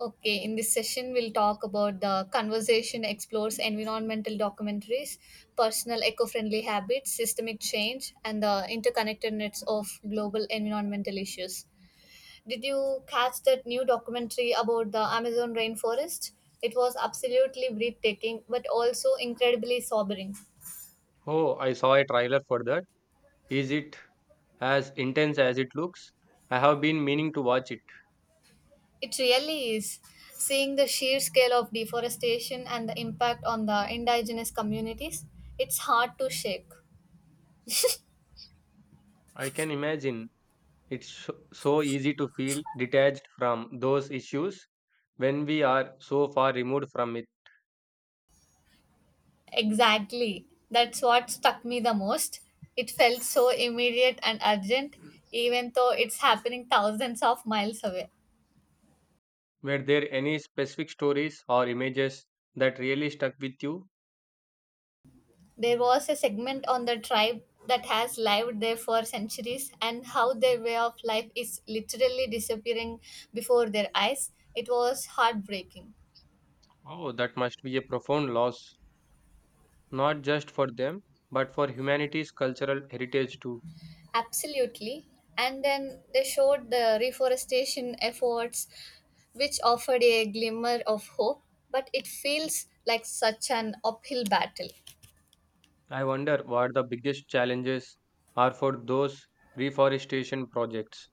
Okay, in this session, we'll talk about the conversation explores environmental documentaries, personal eco friendly habits, systemic change, and the interconnectedness of global environmental issues. Did you catch that new documentary about the Amazon rainforest? It was absolutely breathtaking, but also incredibly sobering. Oh, I saw a trailer for that. Is it as intense as it looks? I have been meaning to watch it. It really is. Seeing the sheer scale of deforestation and the impact on the indigenous communities, it's hard to shake. I can imagine it's so easy to feel detached from those issues when we are so far removed from it. Exactly. That's what stuck me the most. It felt so immediate and urgent, even though it's happening thousands of miles away. Were there any specific stories or images that really stuck with you? There was a segment on the tribe that has lived there for centuries and how their way of life is literally disappearing before their eyes. It was heartbreaking. Oh, that must be a profound loss, not just for them, but for humanity's cultural heritage too. Absolutely. And then they showed the reforestation efforts, which offered a glimmer of hope, but it feels like such an uphill battle. I wonder what the biggest challenges are for those reforestation projects.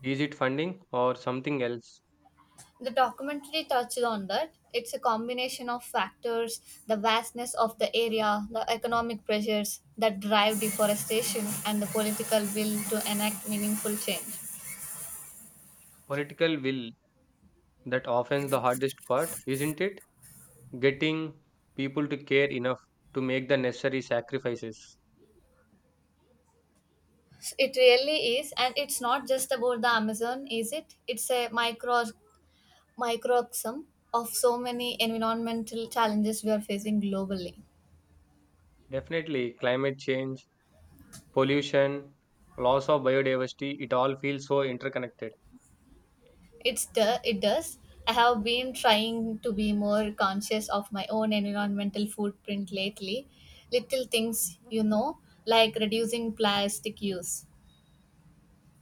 Is it funding or something else? The documentary touched on that. It's a combination of factors the vastness of the area, the economic pressures that drive deforestation, and the political will to enact meaningful change. Political will, that often the hardest part, isn't it? Getting people to care enough to make the necessary sacrifices. It really is, and it's not just about the Amazon, is it? It's a microcosm of so many environmental challenges we are facing globally. Definitely, climate change, pollution, loss of biodiversity, it all feels so interconnected. It does. I have been trying to be more conscious of my own environmental footprint lately. Little things, like reducing plastic use.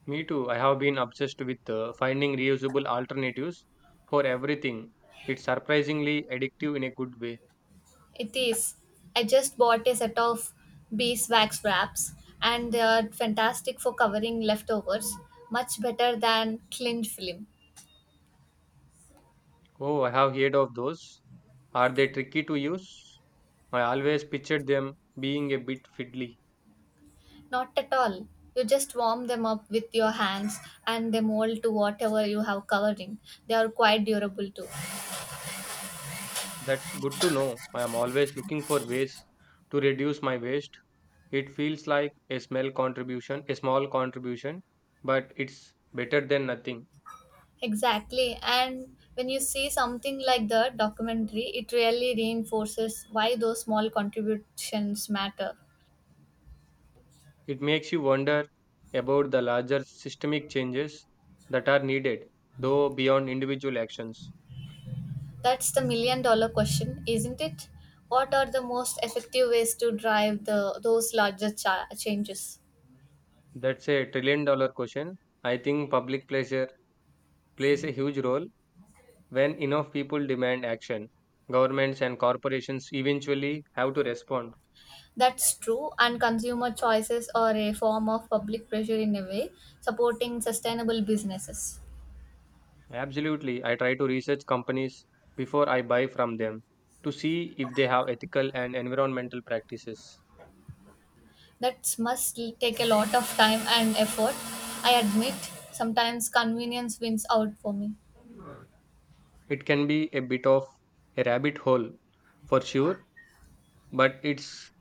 Me too, I have been obsessed with finding reusable alternatives for everything. It's surprisingly addictive in a good way. It is. I just bought a set of beeswax wraps and they are fantastic for covering leftovers, much better than cling film. Oh, I have heard of those. Are they tricky to use? I always pictured them being a bit fiddly. Not at all. You just warm them up with your hands and they mold to whatever you have covering. They are quite durable too. That's good to know. I am always looking for ways to reduce my waste. It feels like a small contribution, but it's better than nothing. Exactly. And when you see something like the documentary, it really reinforces why those small contributions matter. It makes you wonder about the larger systemic changes that are needed, though beyond individual actions. That's the million dollar question, isn't it? What are the most effective ways to drive the those larger cha- changes? That's a trillion dollar question. I think public pleasure plays a huge role. When enough people demand action, governments and corporations eventually have to respond. That's true, and consumer choices are a form of public pressure in a way, supporting sustainable businesses. Absolutely, I try to research companies before I buy from them to see if they have ethical and environmental practices. That must take a lot of time and effort. I admit, sometimes convenience wins out for me. It can be a bit of a rabbit hole for sure, but it's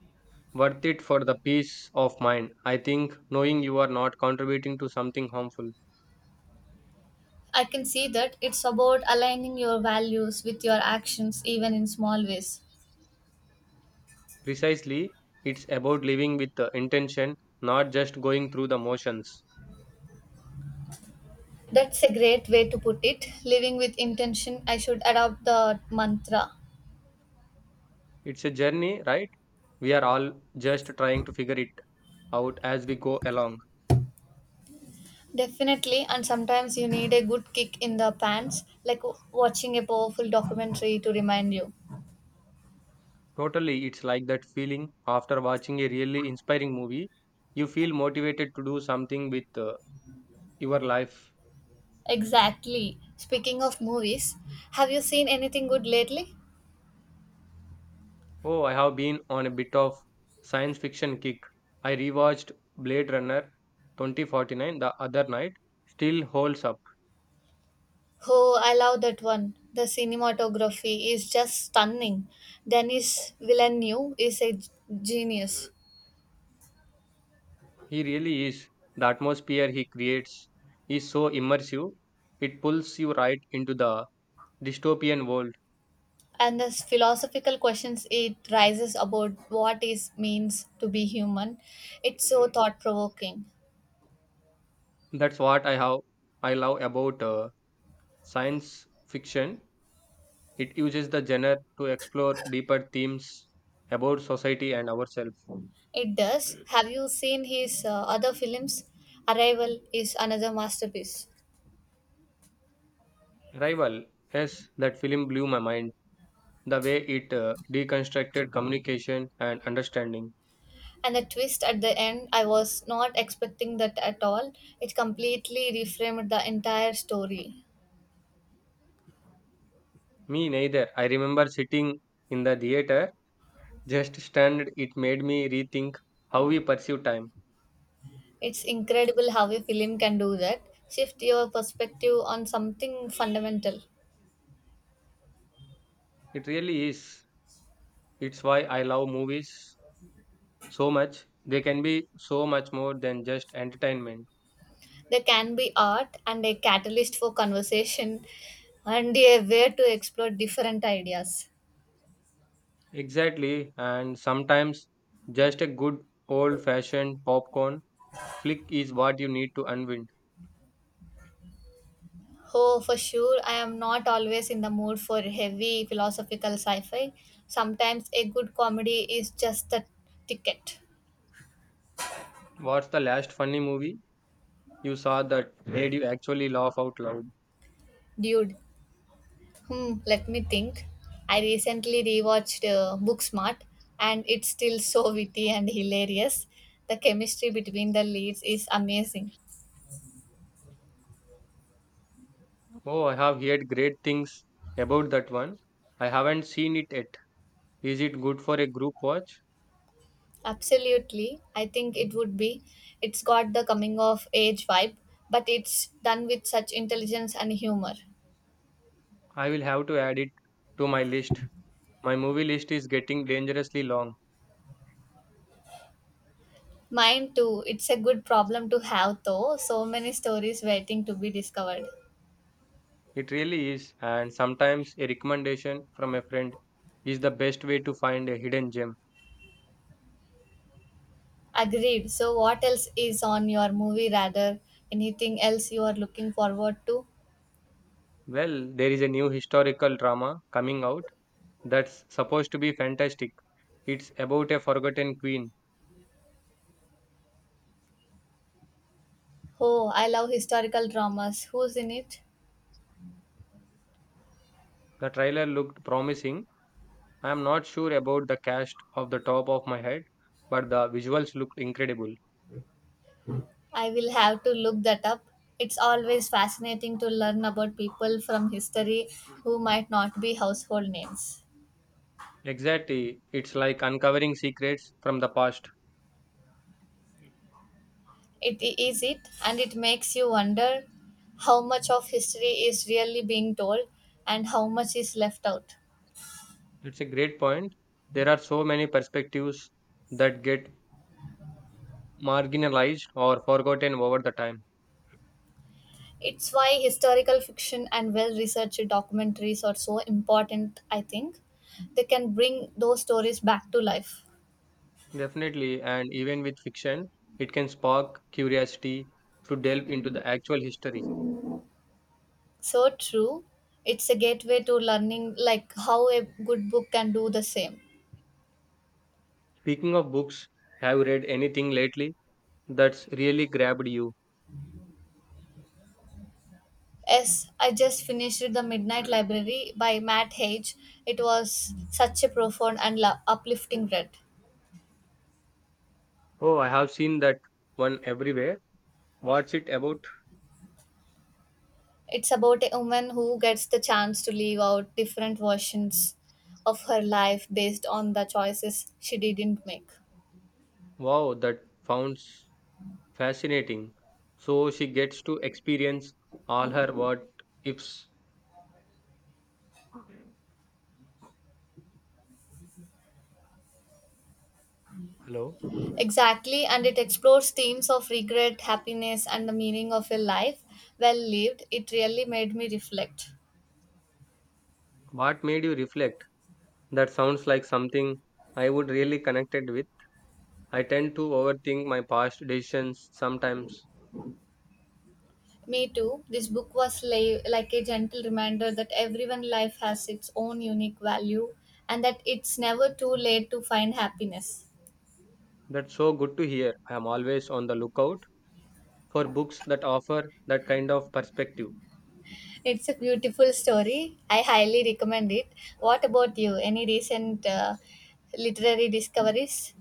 worth it for the peace of mind. I think knowing you are not contributing to something harmful. I can see that it's about aligning your values with your actions, even in small ways. Precisely, it's about living with the intention, not just going through the motions. That's a great way to put it. Living with intention, I should adopt the mantra. It's a journey, right? We are all just trying to figure it out as we go along. Definitely, and sometimes you need a good kick in the pants, like watching a powerful documentary to remind you. Totally, it's like that feeling after watching a really inspiring movie. You feel motivated to do something with your life. Exactly. Speaking of movies, have you seen anything good lately? Oh, I have been on a bit of science fiction kick. I rewatched Blade Runner 2049 the other night. Still holds up. Oh, I love that one. The cinematography is just stunning. Denis Villeneuve is a genius. He really is. The atmosphere he creates is so immersive. It pulls you right into the dystopian world. And the philosophical questions it raises about what is means to be human, it's so thought provoking. That's what I love about science fiction. It uses the genre to explore deeper themes about society and ourselves. It does. Have you seen his other films? Arrival is another masterpiece. Rival, yes, that film blew my mind. The way it deconstructed communication and understanding. And the twist at the end, I was not expecting that at all. It completely reframed the entire story. Me neither. I remember sitting in the theater, just stunned. It made me rethink how we perceive time. It's incredible how a film can do that. Shift your perspective on something fundamental. It really is. It's why I love movies so much. They can be so much more than just entertainment. There can be art and a catalyst for conversation and a way to explore different ideas. Exactly, and sometimes just a good old fashioned popcorn flick is what you need to unwind. Oh, for sure. I am not always in the mood for heavy philosophical sci fi. Sometimes a good comedy is just the ticket. What's the last funny movie you saw that made you actually laugh out loud? Dude, let me think. I recently rewatched Booksmart and it's still so witty and hilarious. The chemistry between the leads is amazing. Oh, I have heard great things about that one. I haven't seen it yet. Is it good for a group watch? Absolutely. I think it would be. It's got the coming of age vibe, but it's done with such intelligence and humor. I will have to add it to my list. My movie list is getting dangerously long. Mine too. It's a good problem to have though. So many stories waiting to be discovered. It really is, and sometimes a recommendation from a friend is the best way to find a hidden gem. Agreed. So what else is on your movie rather? Anything else you are looking forward to? Well, there is a new historical drama coming out that's supposed to be fantastic. It's about a forgotten queen. Oh, I love historical dramas. Who's in it? The trailer looked promising. I am not sure about the cast off the top of my head, but the visuals looked incredible. I will have to look that up. It's always fascinating to learn about people from history who might not be household names. Exactly. It's like uncovering secrets from the past. It is it and it makes you wonder how much of history is really being told and how much is left out. It's a great point. There are so many perspectives that get marginalized or forgotten over the time. It's why historical fiction and well researched documentaries are so important, I think. They can bring those stories back to life. Definitely, and even with fiction, it can spark curiosity to delve into the actual history. So true. It's a gateway to learning, like how a good book can do the same. Speaking of books, have you read anything lately that's really grabbed you? Yes, I just finished The Midnight Library by Matt Hage. It was such a profound and uplifting read. Oh, I have seen that one everywhere. What's it about? It's about a woman who gets the chance to live out different versions of her life based on the choices she didn't make. Wow, that sounds fascinating. So she gets to experience all her what ifs. Hello? Exactly, and it explores themes of regret, happiness, and the meaning of a life well lived. It really made me reflect. What made you reflect? That sounds like something I would really connected with. I tend to overthink my past decisions sometimes. Me too. This book was like a gentle reminder that everyone life has its own unique value and that it's never too late to find happiness. That's so good to hear. I am always on the lookout for books that offer that kind of perspective. It's a beautiful story. I highly recommend it. What about you? Any recent literary discoveries?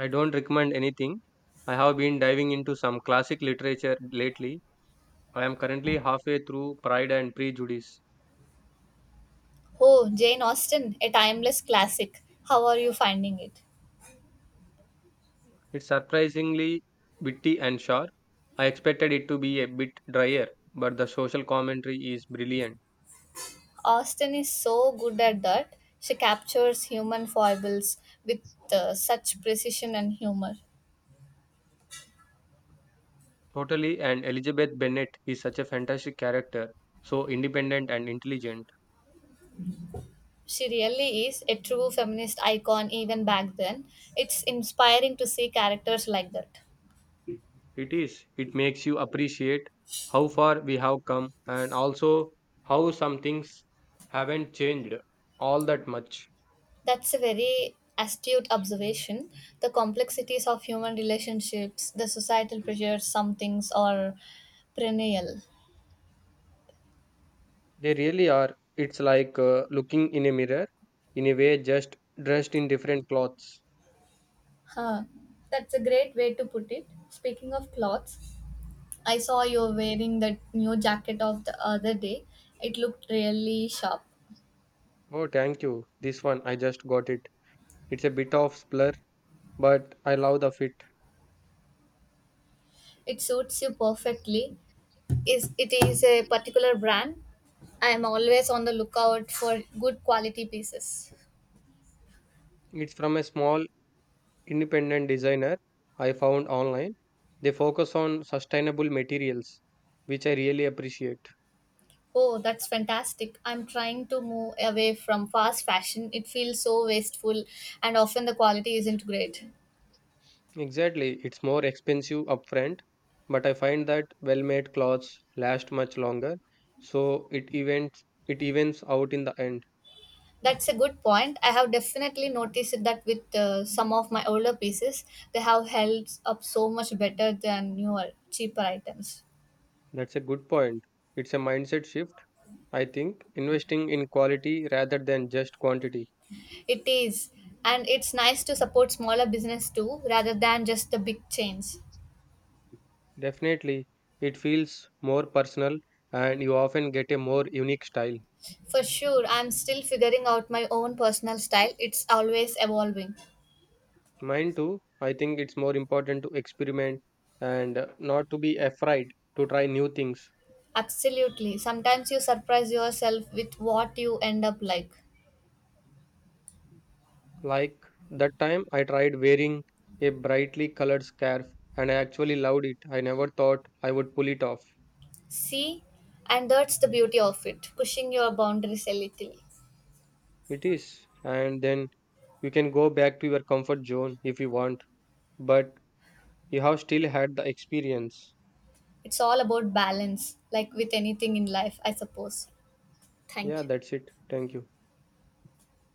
I don't recommend anything. I have been diving into some classic literature lately. I am currently halfway through Pride and Prejudice. Oh, Jane Austen, a timeless classic. How are you finding it? It's surprisingly witty and sharp. I expected it to be a bit drier, but the social commentary is brilliant. Austen is so good at that. She captures human foibles with such precision and humor. Totally, and Elizabeth Bennet is such a fantastic character, so independent and intelligent. She really is a true feminist icon even back then. It's inspiring to see characters like that. It is. It makes you appreciate how far we have come and also how some things haven't changed all that much. That's a very astute observation. The complexities of human relationships, the societal pressures, some things are perennial. They really are. It's like looking in a mirror, in a way, just dressed in different clothes. Huh. That's a great way to put it. Speaking of plots, I saw you wearing that new jacket of the other day. It looked really sharp. Oh, thank you. This one, I just got it. It's a bit of splur, but I love the fit. It suits you perfectly. Is it is a particular brand? I am always on the lookout for good quality pieces. It's from a small independent designer I found online. They focus on sustainable materials, which I really appreciate. Oh, that's fantastic. I'm trying to move away from fast fashion. It feels so wasteful and often the quality isn't great. Exactly, it's more expensive upfront, but I find that well-made clothes last much longer, so it evens out in the end. That's a good point. I have definitely noticed that with some of my older pieces, they have held up so much better than newer, cheaper items. That's a good point. It's a mindset shift, I think, investing in quality rather than just quantity. It is, and it's nice to support smaller business too, rather than just the big chains. Definitely, it feels more personal and you often get a more unique style. For sure, I'm still figuring out my own personal style. It's always evolving. Mine too, I think it's more important to experiment and not to be afraid to try new things. Absolutely. Sometimes you surprise yourself with what you end up like. Like that time I tried wearing a brightly colored scarf and I actually loved it. I never thought I would pull it off. See, and that's the beauty of it, pushing your boundaries a little. It is. And then you can go back to your comfort zone if you want, but you have still had the experience. It's all about balance, like with anything in life, I suppose. Thank Yeah, you. that's it. Thank you.